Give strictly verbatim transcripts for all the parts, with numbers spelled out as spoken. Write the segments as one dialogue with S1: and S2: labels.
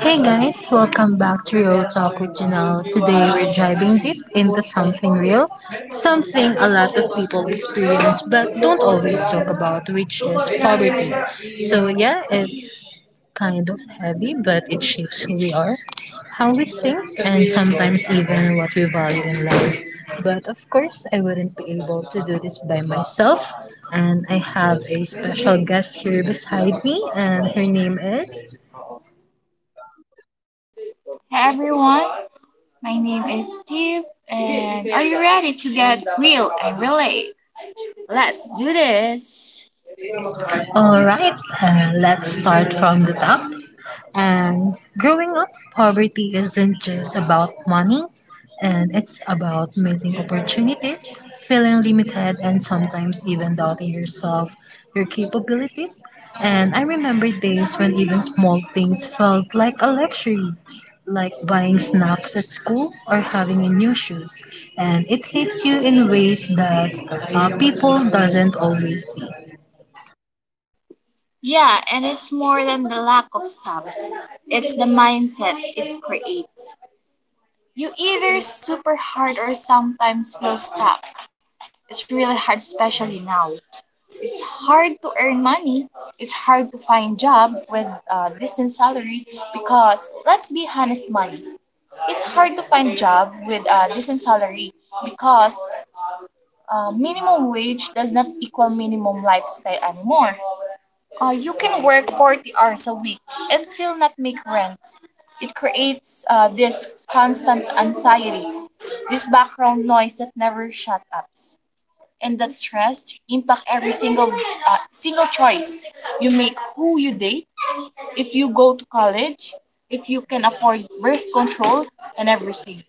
S1: Hey guys, welcome back to Real Talk with Janelle. Today we're diving deep into something real, something a lot of people experience but don't always talk about, which is poverty. So yeah, it's kind of heavy, but it shapes who we are, how we think, and sometimes even what we value in life. But of course, I wouldn't be able to do this by myself, and I have a special guest here beside me, and her name is.
S2: Everyone, my name is Steve, and are you ready to get real and relate? Let's do this.
S1: All right, uh, let's start from the top. And growing up, poverty isn't just about money, and it's about missing opportunities, feeling limited, and sometimes even doubting yourself, your capabilities. And I remember days when even small things felt like a luxury, like buying snacks at school or having a new shoes. And it hits you in ways that uh, people doesn't always see.
S2: Yeah, and it's more than the lack of stuff, it's the mindset it creates. You either super hard or sometimes feel stuck. It's really hard, especially now. It's hard to earn money. It's hard to find job with a decent salary because let's be honest, money. It's hard to find job with a decent salary because uh, minimum wage does not equal minimum lifestyle anymore. Uh, you can work forty hours a week and still not make rent. It creates uh, this constant anxiety, this background noise that never shut up. And that stress impact every single uh, single choice you make, who you date, if you go to college, if you can afford birth control, and everything.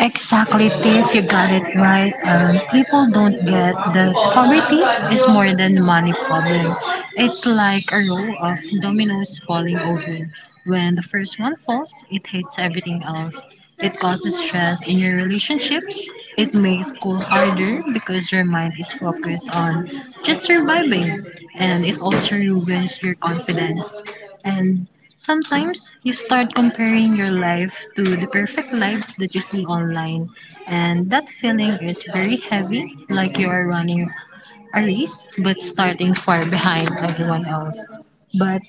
S1: Exactly, Tiff. You got it right. Um, people don't get that poverty is more than money problem. It's like a row of dominoes falling over. When the first one falls, it hits everything else. It causes stress in your relationships. It makes school harder because your mind is focused on just surviving, and it also ruins your confidence. And sometimes you start comparing your life to the perfect lives that you see online. And that feeling is very heavy, like you are running a race but starting far behind everyone else. But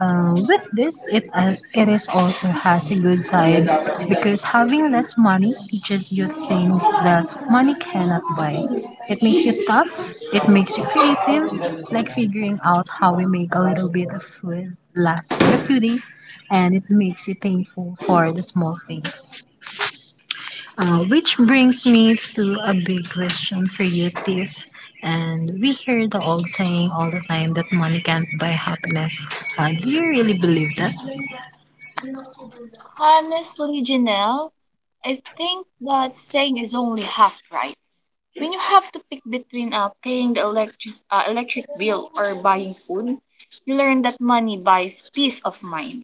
S1: uh, with this, it, as, it is also has a good side because having less money teaches you things that money cannot buy. It makes you tough, it makes you creative, like figuring out how we make a little bit of food last a few days, and it makes you thankful for the small things. Uh, which brings me to a big question for you, Tiff. And we hear the old saying all the time that money can't buy happiness. Uh, do you really believe that?
S2: Honestly, Janelle, I think that saying is only half right. When you have to pick between uh, paying the electric, uh, electric bill or buying food, you learn that money buys peace of mind.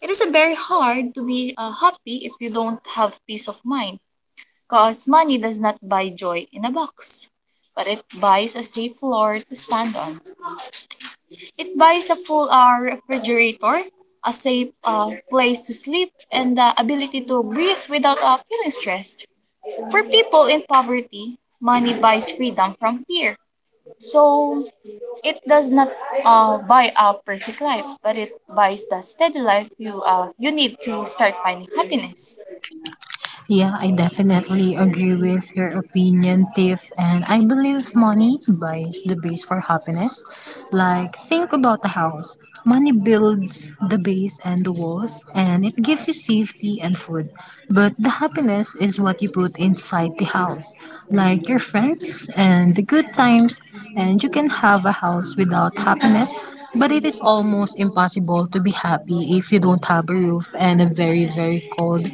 S2: It is uh, very hard to be uh, happy if you don't have peace of mind, because money does not buy joy in a box, but it buys a safe floor to stand on. It buys a full uh, refrigerator, a safe uh, place to sleep, and the ability to breathe without uh, feeling stressed. For people in poverty, money buys freedom from fear. So it does not uh, buy a perfect life, but it buys the steady life you uh, you need to start finding happiness.
S1: Yeah, I definitely agree with your opinion, Tiff. And I believe money buys the base for happiness. Like, think about a house. Money builds the base and the walls, and it gives you safety and food. But the happiness is what you put inside the house, like your friends and the good times. And you can have a house without happiness, but it is almost impossible to be happy if you don't have a roof and a very, very cold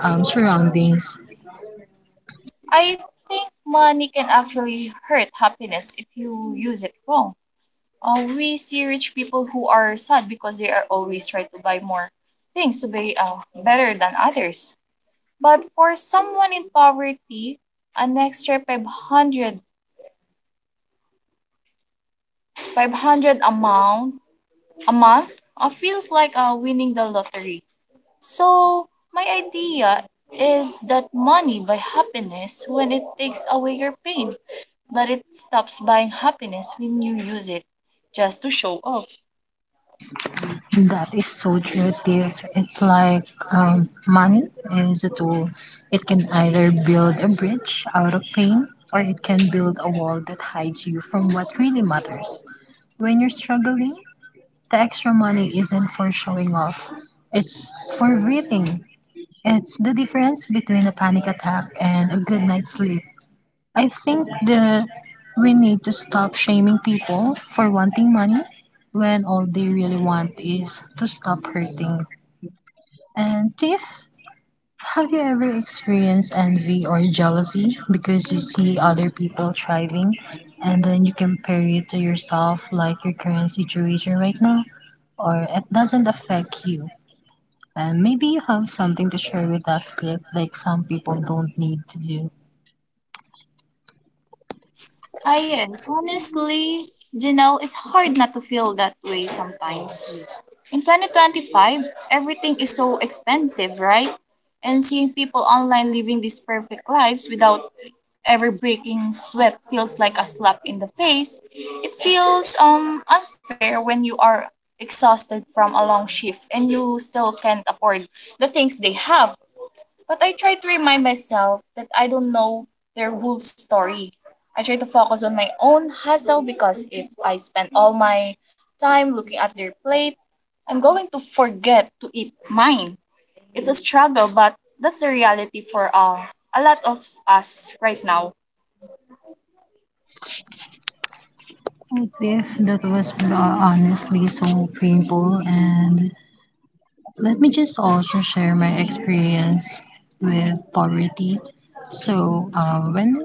S1: um, surroundings.
S2: I think money can actually hurt happiness if you use it wrong. uh, we see rich people who are sad because they are always trying to buy more things to be uh, better than others. But for someone in poverty, an extra five hundred, five hundred amount a month uh, feels like uh, winning the lottery. So my idea is that money buy happiness when it takes away your pain, but it stops buying happiness when you use it just to show off.
S1: That is so creative. It's like um, money is a tool. It can either build a bridge out of pain or it can build a wall that hides you from what really matters. When you're struggling, the extra money isn't for showing off, it's for breathing. It's the difference between a panic attack and a good night's sleep. I think that we need to stop shaming people for wanting money when all they really want is to stop hurting. And Tiff, have you ever experienced envy or jealousy because you see other people thriving and then you compare it to yourself like your current situation right now? Or it doesn't affect you? And maybe you have something to share with us, Cliff, like some people don't need to do.
S2: Ah, yes. Honestly, Janelle, it's hard not to feel that way sometimes. In twenty twenty-five, everything is so expensive, right? And seeing people online living these perfect lives without ever breaking sweat feels like a slap in the face. It feels um unfair when you are exhausted from a long shift and you still can't afford the things they have. But I try to remind myself that I don't know their whole story. I try to focus on my own hustle because if I spend all my time looking at their plate, I'm going to forget to eat mine. It's a struggle, but that's the reality for uh, a lot of us right now.
S1: If that was uh, honestly so painful, and let me just also share my experience with poverty. So, uh, when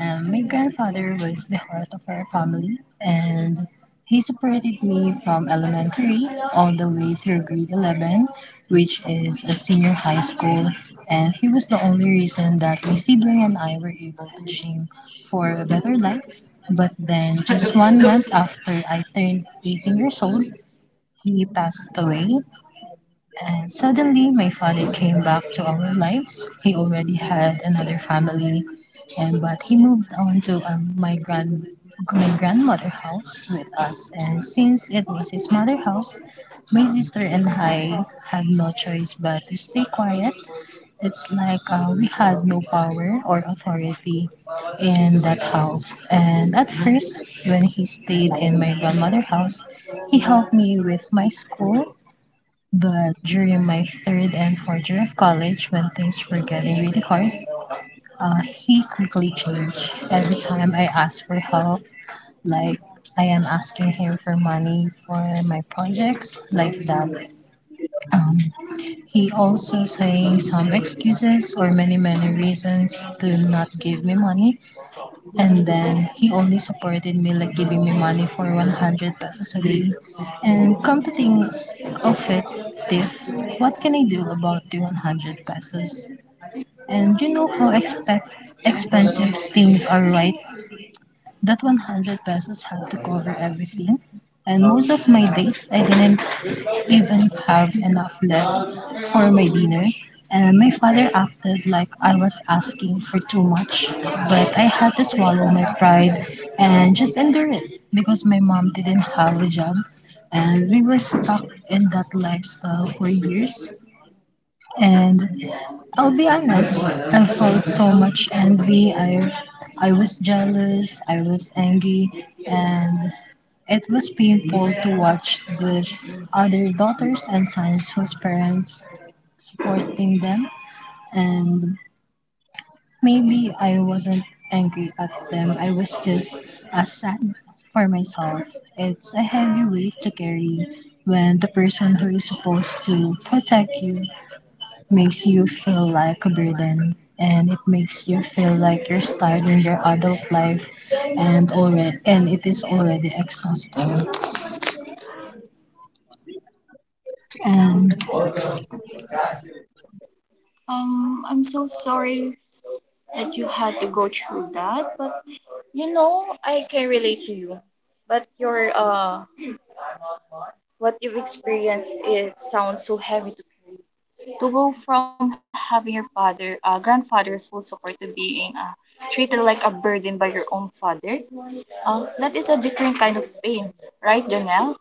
S1: um, my grandfather was the heart of our family, and he supported me from elementary all the way through grade eleven, which is a senior high school. And he was the only reason that my sibling and I were able to dream for a better life. But then, just one month after I turned eighteen years old, he passed away. And suddenly, my father came back to our lives. He already had another family, and but he moved on to um, my grand my grandmother house with us. And since it was his mother house, my sister and I had no choice but to stay quiet. It's like uh, we had no power or authority in that house. And at first, when he stayed in my grandmother house, he helped me with my school but during my third and fourth year of college, when things were getting really hard, uh, he quickly changed. Every time I asked for help, like I am asking him for money for my projects, like that. Um, he also saying some excuses or many many reasons to not give me money, and then he only supported me like giving me money for one hundred pesos a day. And come to think of it, Tiff, what can I do about the one hundred pesos? And you know how expe- expensive things are, right? That one hundred pesos had to cover everything, and most of my days I didn't even have enough left for my dinner. And my father acted like I was asking for too much, but I had to swallow my pride and just endure it because my mom didn't have a job and we were stuck in that lifestyle for years. And I'll be honest, I felt so much envy. I, I was jealous, I was angry, and it was painful to watch the other daughters and sons whose parents supporting them. And maybe I wasn't angry at them, I was just as sad for myself. It's a heavy weight to carry when the person who is supposed to protect you makes you feel like a burden and it makes you feel like you're starting your adult life and already and it is already exhausting and.
S2: Um, I'm so sorry that you had to go through that, but you know, I can relate to you, but your uh, what you've experienced it sounds so heavy to go from having your father, uh, grandfather's full support to being uh, treated like a burden by your own father, um, that is a different kind of pain, right, Janelle?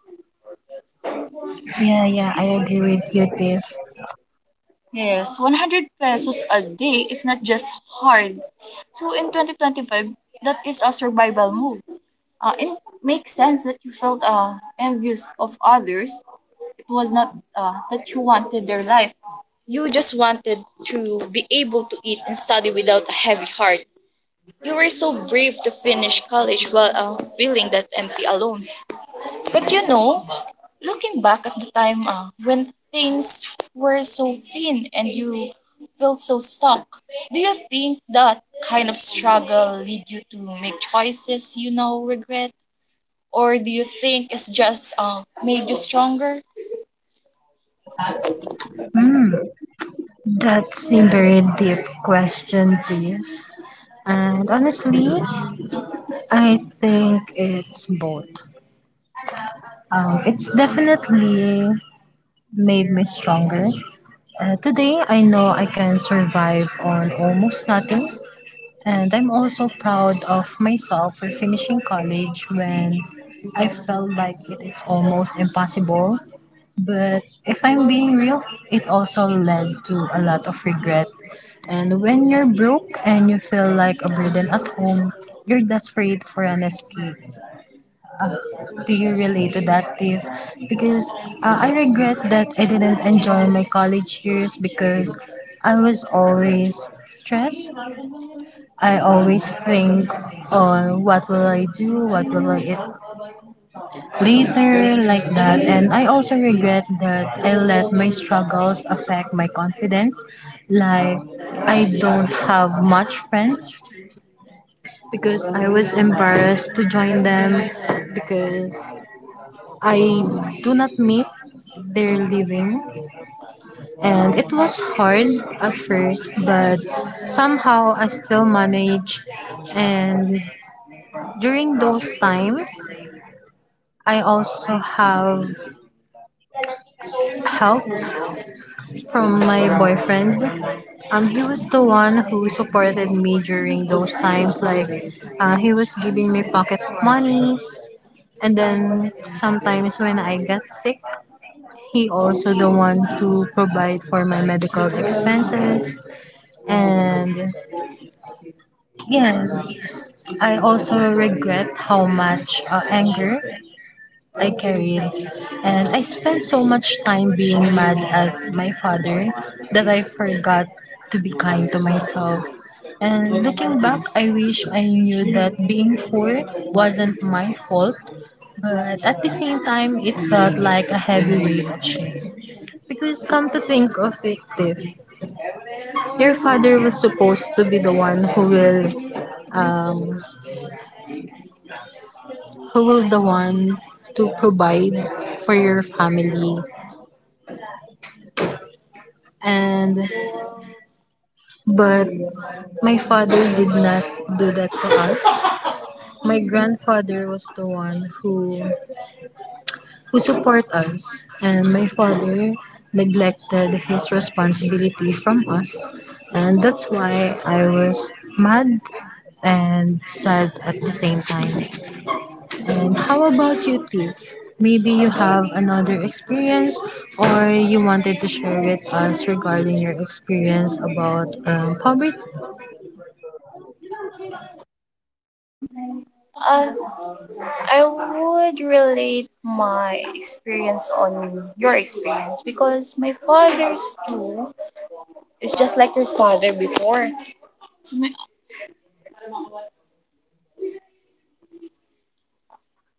S1: Yeah, yeah, I agree with you, Tiff.
S2: Yes, one hundred pesos a day is not just hard. So in twenty twenty-five, that is a survival move. Uh, it makes sense that you felt uh, envious of others. It was not uh, that you wanted their life. You just wanted to be able to eat and study without a heavy heart. You were so brave to finish college while uh, feeling that empty alone. But you know, looking back at the time uh, when things were so thin and you felt so stuck, do you think that kind of struggle lead you to make choices you now regret? Or do you think it's just uh, made you stronger?
S1: Hmm, that's a very deep question, Tiff, and honestly I think it's both. Um, it's definitely made me stronger. Uh, today I know I can survive on almost nothing. And I'm also proud of myself for finishing college when I felt like it is almost impossible. But if I'm being real, it also led to a lot of regret. And when you're broke and you feel like a burden at home, you're desperate for an escape. Uh, do you relate to that, Tiff? Because uh, I regret that I didn't enjoy my college years because I was always stressed. I always think on what will I do, what will I eat later, like that. And I also regret that I let my struggles affect my confidence. Like, I don't have much friends because I was embarrassed to join them because I do not meet their living and it was hard at first but somehow I still managed. And during those times, I also have help from my boyfriend. Um, he was the one who supported me during those times. Like, uh, he was giving me pocket money, and then sometimes when I got sick, he also the one to provide for my medical expenses. And yeah, I also regret how much uh, anger I carried, and I spent so much time being mad at my father that I forgot to be kind to myself. And looking back, I wish I knew that being poor wasn't my fault, but at the same time, it felt like a heavy weight of shame. Because come to think of it, Tiff, your father was supposed to be the one who will, um, who will the one to provide for your family and but my father did not do that to us. My grandfather was the one who who support us and my father neglected his responsibility from us and that's why I was mad and sad at the same time. And how about you, Tiff? Maybe you have another experience or you wanted to share with us regarding your experience about um, poverty.
S2: Uh, I would relate my experience on your experience because my father's too. It's just like your father before. So my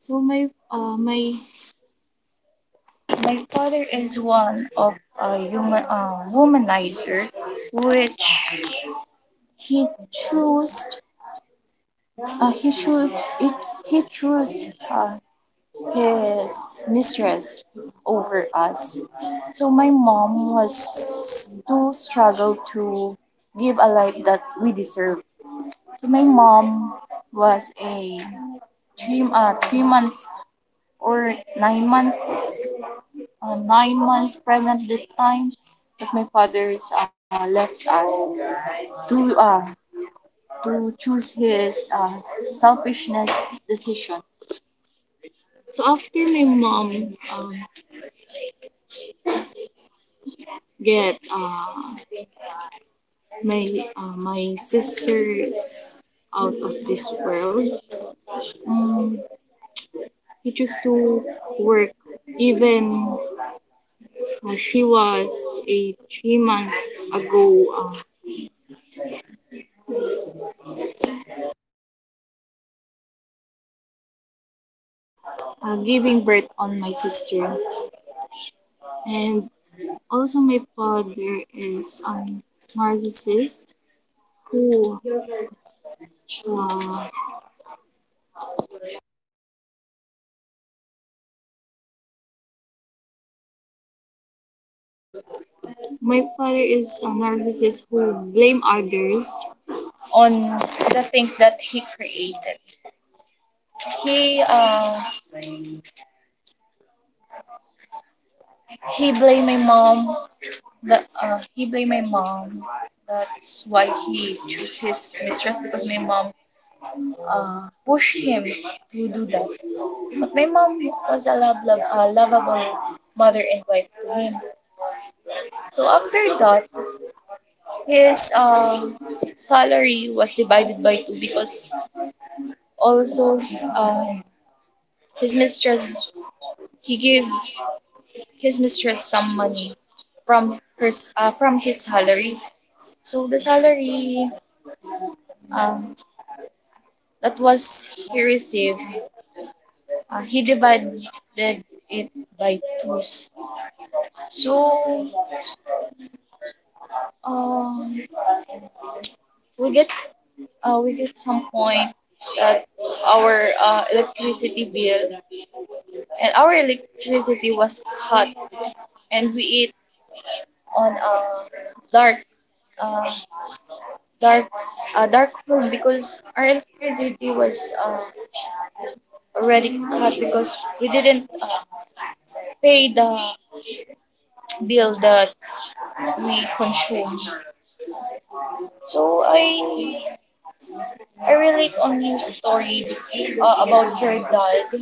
S2: so my uh my My father is one of a human uh, womanizer, which he chose. Uh, he chose. It, he chose uh, his mistress over us. So my mom was too struggle to give a life that we deserve. So my mom was a three uh, three months or nine months uh, nine months pregnant that time. But my father's uh, left us to uh, to choose his uh, selfishness decision. So after my mom um, get uh, my uh, my sisters out of this world, mm, he chose to work even uh, she was a three months ago uh, uh, giving birth on my sister. And also, my father is a narcissist who uh, my father is a narcissist who blame others on the things that he created. He uh, he blamed my mom. That uh, he blamed my mom. That's why he chose his mistress because my mom uh, pushed him to do that. But my mom was a love, love, uh, lovable mother and wife to him. So after that, His um, salary was divided by two because also um, his mistress he gave his mistress some money from her s- uh, from his salary. So the salary um, that was he received, uh, he divided it by two. So um, we get s- uh, we get some point that our uh, electricity bill and our electricity was cut and we eat on a dark uh, dark uh, dark room because our electricity was uh, already cut because we didn't uh, pay the bill that we consumed. So I I relate on your story uh, about your dad.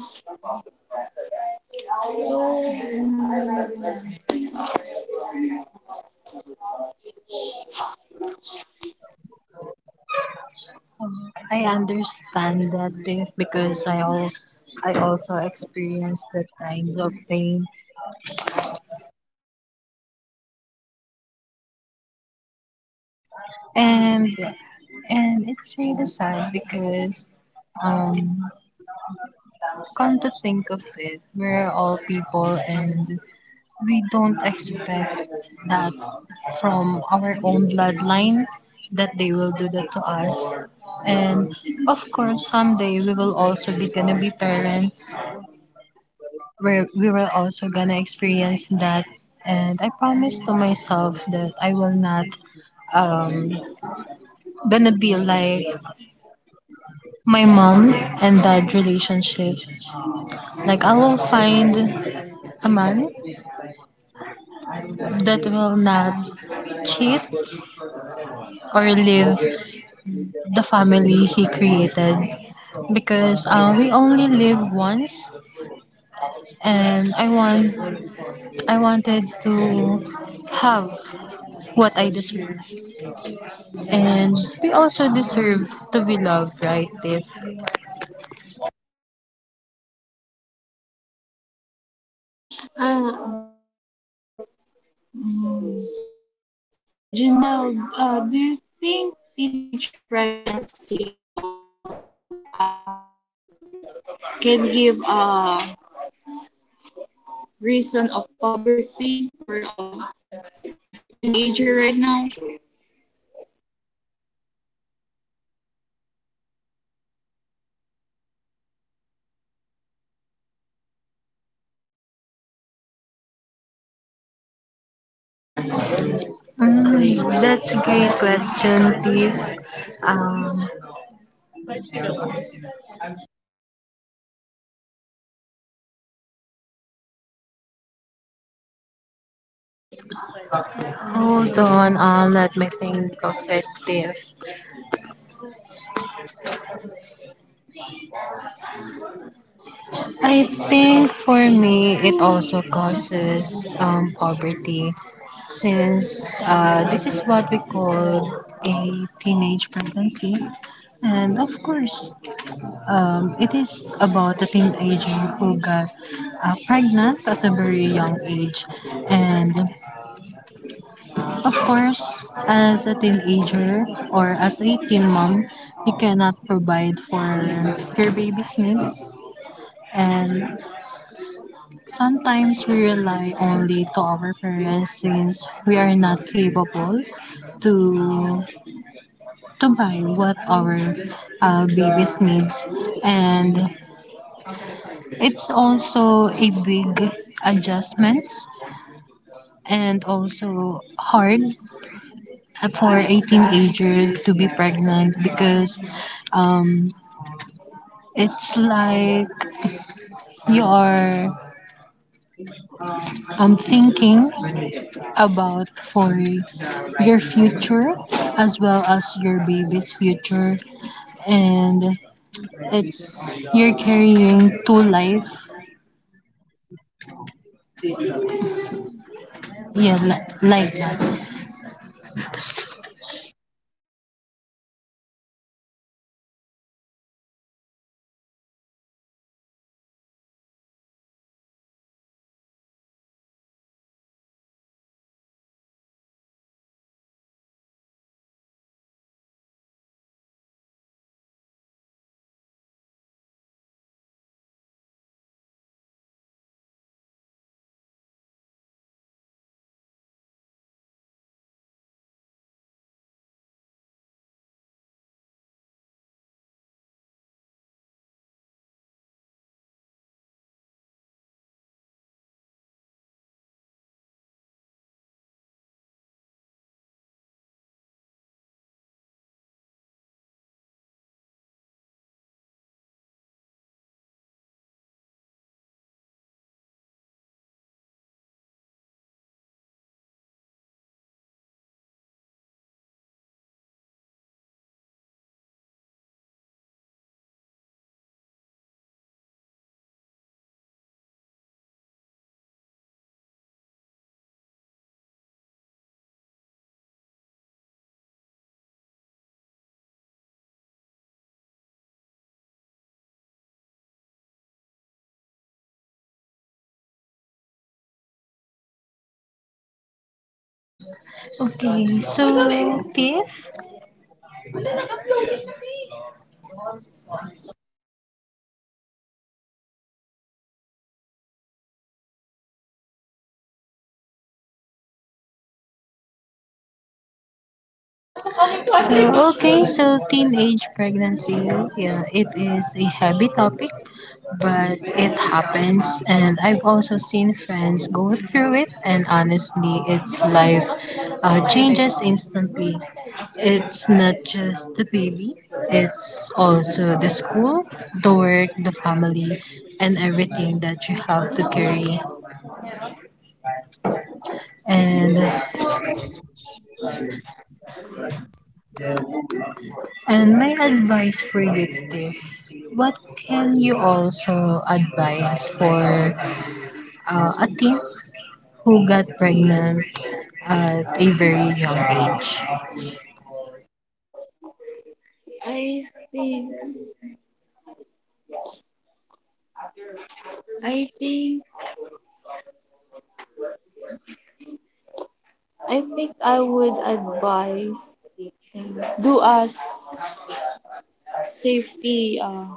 S2: So
S1: Um, I understand that thing because I all I also experienced that kinds of pain, and and it's really sad because um come to think of it, we're all people, and we don't expect that from our own bloodline, that they will do that to us. And of course, someday we will also be gonna be parents where we were also gonna experience that. And I promised to myself that I will not um gonna be like my mom and dad relationship. Like, I will find a man that will not cheat or leave the family he created, because uh, we only live once and i want I wanted to have what I deserve. And we also deserve to be loved, right, Tiff?
S2: Uh, mm, Janelle, uh, do you think teenage pregnancy also uh, can give a reason of poverty for a teenager right now?
S1: Mm, that's a great question, Tiff. Um, hold on, I'll let me think of it, Tiff. I think for me, it also causes um, poverty since uh, this is what we call a teenage pregnancy. And of course, Um, it is about a teenager who got uh, pregnant at a very young age. And of course, as a teenager or as a teen mom, you cannot provide for your baby's needs. And sometimes we rely only to our parents since we are not capable to to buy what our uh, babies needs. And it's also a big adjustments and also hard for a teenager to be pregnant because um, it's like you are um, thinking about for your future, as well as your baby's future. And it's you're carrying two life, yeah, li- like that.
S2: Actually, I got pregnant when I was nineteen years old, which is teenage. Um, actually, it's really hard to deal with it. It's hard um, to deal with, uh, especially when you and your uh, boyfriend have no income and also not. So, that time, I don't. Actually, oh, nawawala. Okay lang, okay lang to kikita nung tayo kahit pangit yan. Gawa, ay, gawa na nga tayo si pag-uwi natin.
S1: Okay, so Tiff, so, okay, so teenage pregnancy, yeah, it is a heavy topic, but it happens. And I've also seen friends go through it, and honestly, its life uh, changes instantly. It's not just the baby, it's also the school, the work, the family, and everything that you have to carry. And And my advice for you, Tiff, what can you also advise for uh, a teen who got pregnant at a very young age?
S2: I think I think I think I would advise um, do a s- safety uh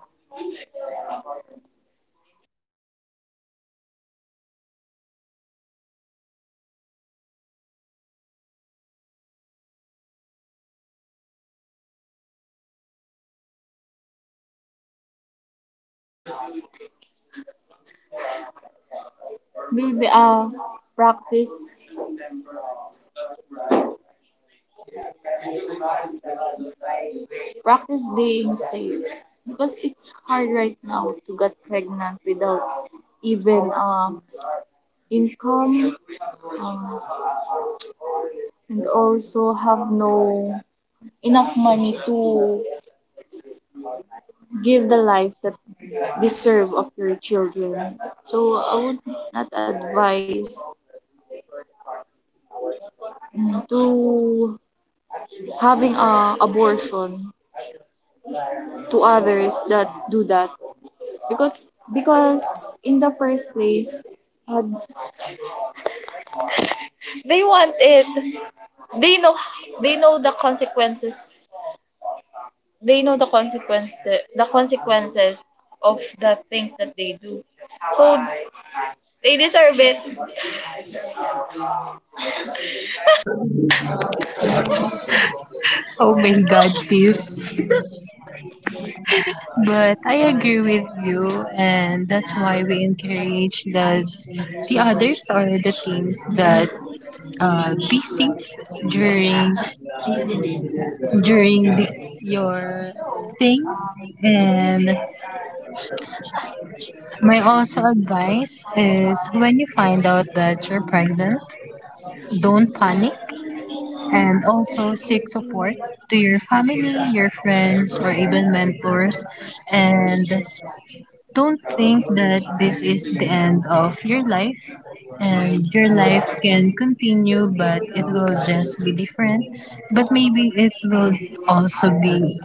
S2: do the uh practice practice being safe because it's hard right now to get pregnant without even um income, um, and also have no enough money to give the life that deserve of your children. So I would not advise to having a abortion to others that do that because because in the first place uh, they want it. They know they know the consequences. They know the consequence the, the consequences of the things that they do, so they deserve it.
S1: Oh my God, Tiff. But I agree with you, and that's why we encourage the, the others or the teens that uh, be safe during during the, your thing. And my also advice is when you find out that you're pregnant, don't panic and also seek support to your family, your friends, or even mentors. And don't think that this is the end of your life, and your life can continue, but it will just be different. But maybe it will also be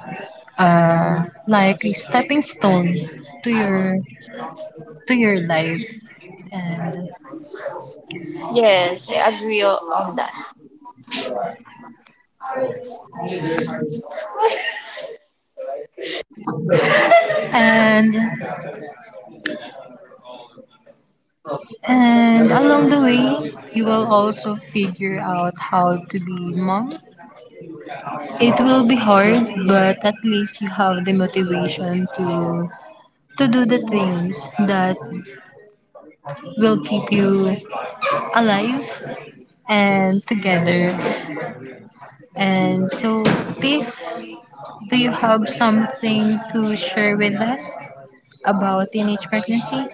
S1: uh, like a stepping stone to your to your life. and
S2: Yes, i agree o- on that.
S1: and and along the way you will also figure out how to be mom. It will be hard, but at least you have the motivation to to do the things that will keep you alive and together. And so Tiff, do you have something to share with us about teenage pregnancy?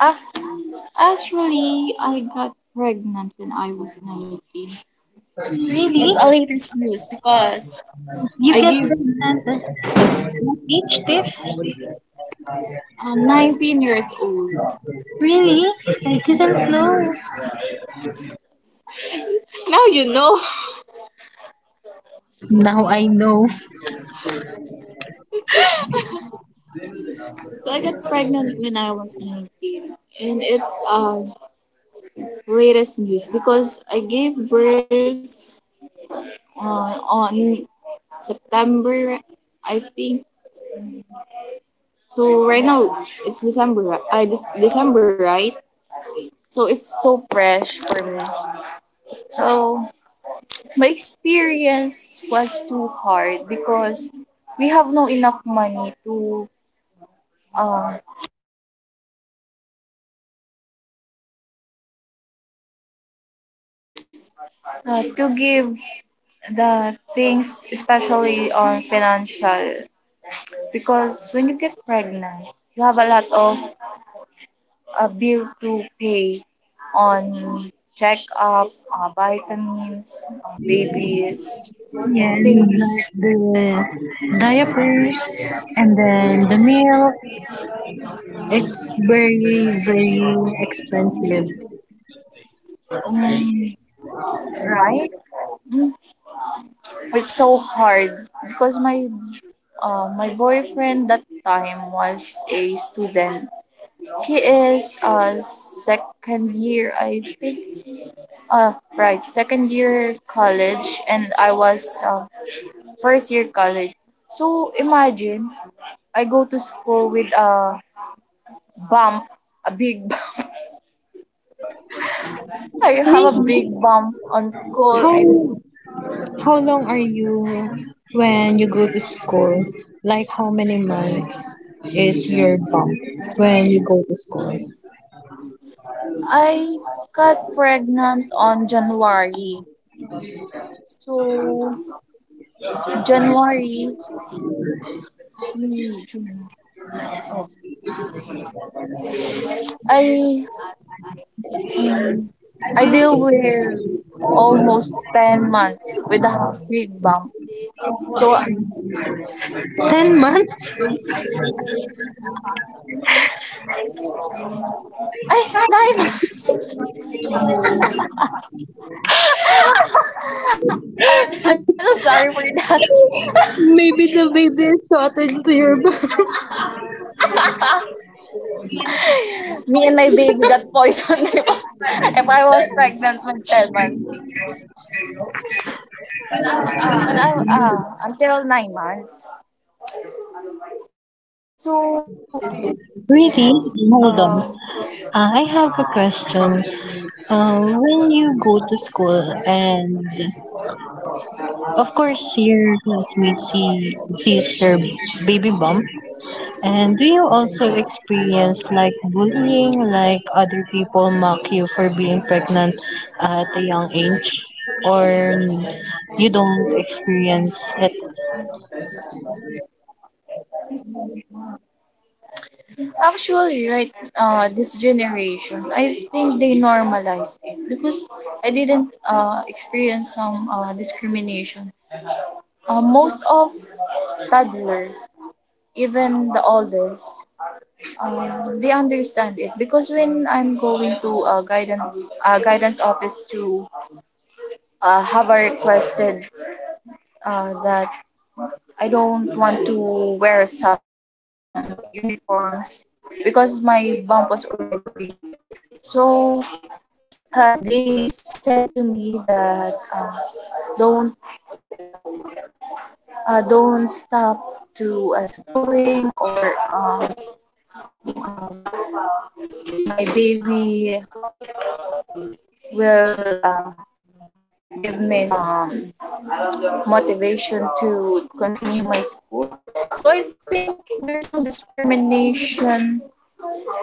S2: Af- Actually, I got pregnant when I was nineteen. It's
S1: Really?
S2: a later snooze because
S1: You
S2: I
S1: get
S2: gave
S1: pregnant at age, Tiff?
S2: uh, nineteen years old.
S1: Really? I didn't know.
S2: Now you know.
S1: Now I know.
S2: So I got pregnant when I was nineteen. And it's uh, latest news because I gave birth uh, on September, I think. So right now, it's December, uh, December, right? So it's so fresh for me. So my experience was too hard because we have no enough money to uh, uh, to give the things, especially on financial. Because when you get pregnant, you have a lot of uh, bill to pay on checkup, uh, vitamins, uh, babies,
S1: Yeah, and
S2: things,
S1: the diapers and then the meal. It's very, very expensive.
S2: um, right? It's so hard because my uh, my boyfriend that time was a student. He is a second year, I think. Uh, right, second year college, and I was uh, first year college. So imagine I go to school with a bump, a big bump. I have a
S1: Really?
S2: big bump on school,
S1: How
S2: and
S1: how long are you when you go to school? Like, how many months is your bump when you go to school?
S2: I got pregnant on January. So January. Me too. I um, I deal with almost ten months with a big bump. So
S1: Ten months?
S2: I nine months. I'm so sorry for
S1: Maybe the baby is shot into your bathroom.
S2: that. Me and my baby got poisoned if I was pregnant with ten months. And I uh, until nine months. So um.
S1: Really? Hold on. I have a question. Uh, when you go to school, and of course your classmates see sees your baby bump, and do you also experience like bullying, like other people mock you for being pregnant at a young age, or you don't experience it?
S2: Actually, right, uh, this generation, I think they normalized it because I didn't experience some uh, discrimination. Uh, most of toddler, even the oldest, uh, they understand it because when I'm going to uh, guidance uh, guidance office to uh, have I requested uh, that I don't want to wear some uniforms because my bump was already big. So uh, they said to me that um, don't uh, don't stop to uh, schooling or um, um, my baby will uh, give me some motivation to continue my school. So I think there's no discrimination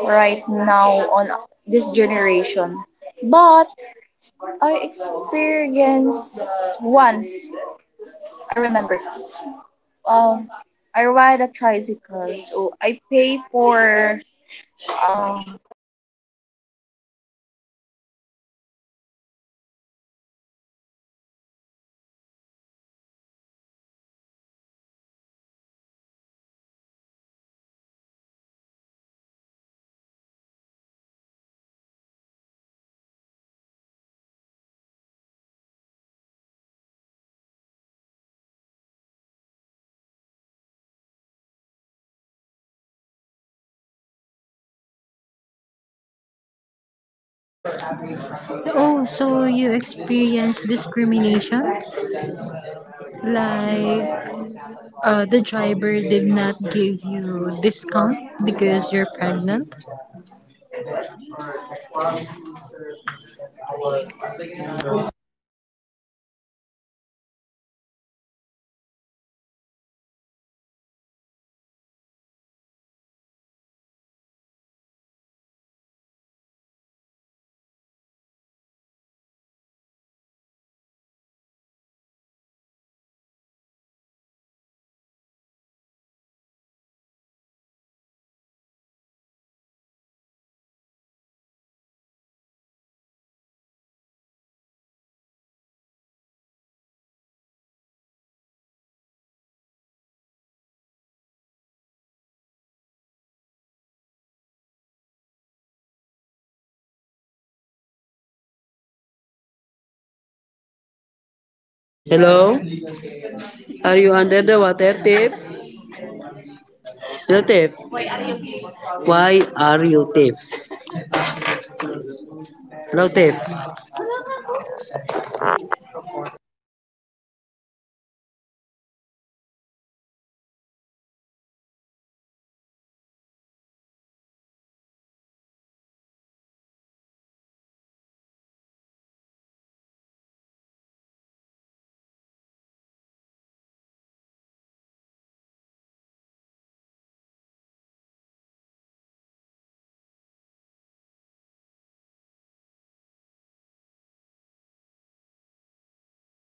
S2: right now on this generation. But I experienced once. I remember um I ride a tricycle, so I pay for um student student fee. So I have uh so student have a discount. So I pay and this and
S1: Oh, so you experience discrimination? Like Uh, the driver did not give you discount because you're pregnant.
S2: lang.
S1: Hello? Are you under the water, Tiff? Hello, Tiff. Why are you Tiff? Hello, Tiff.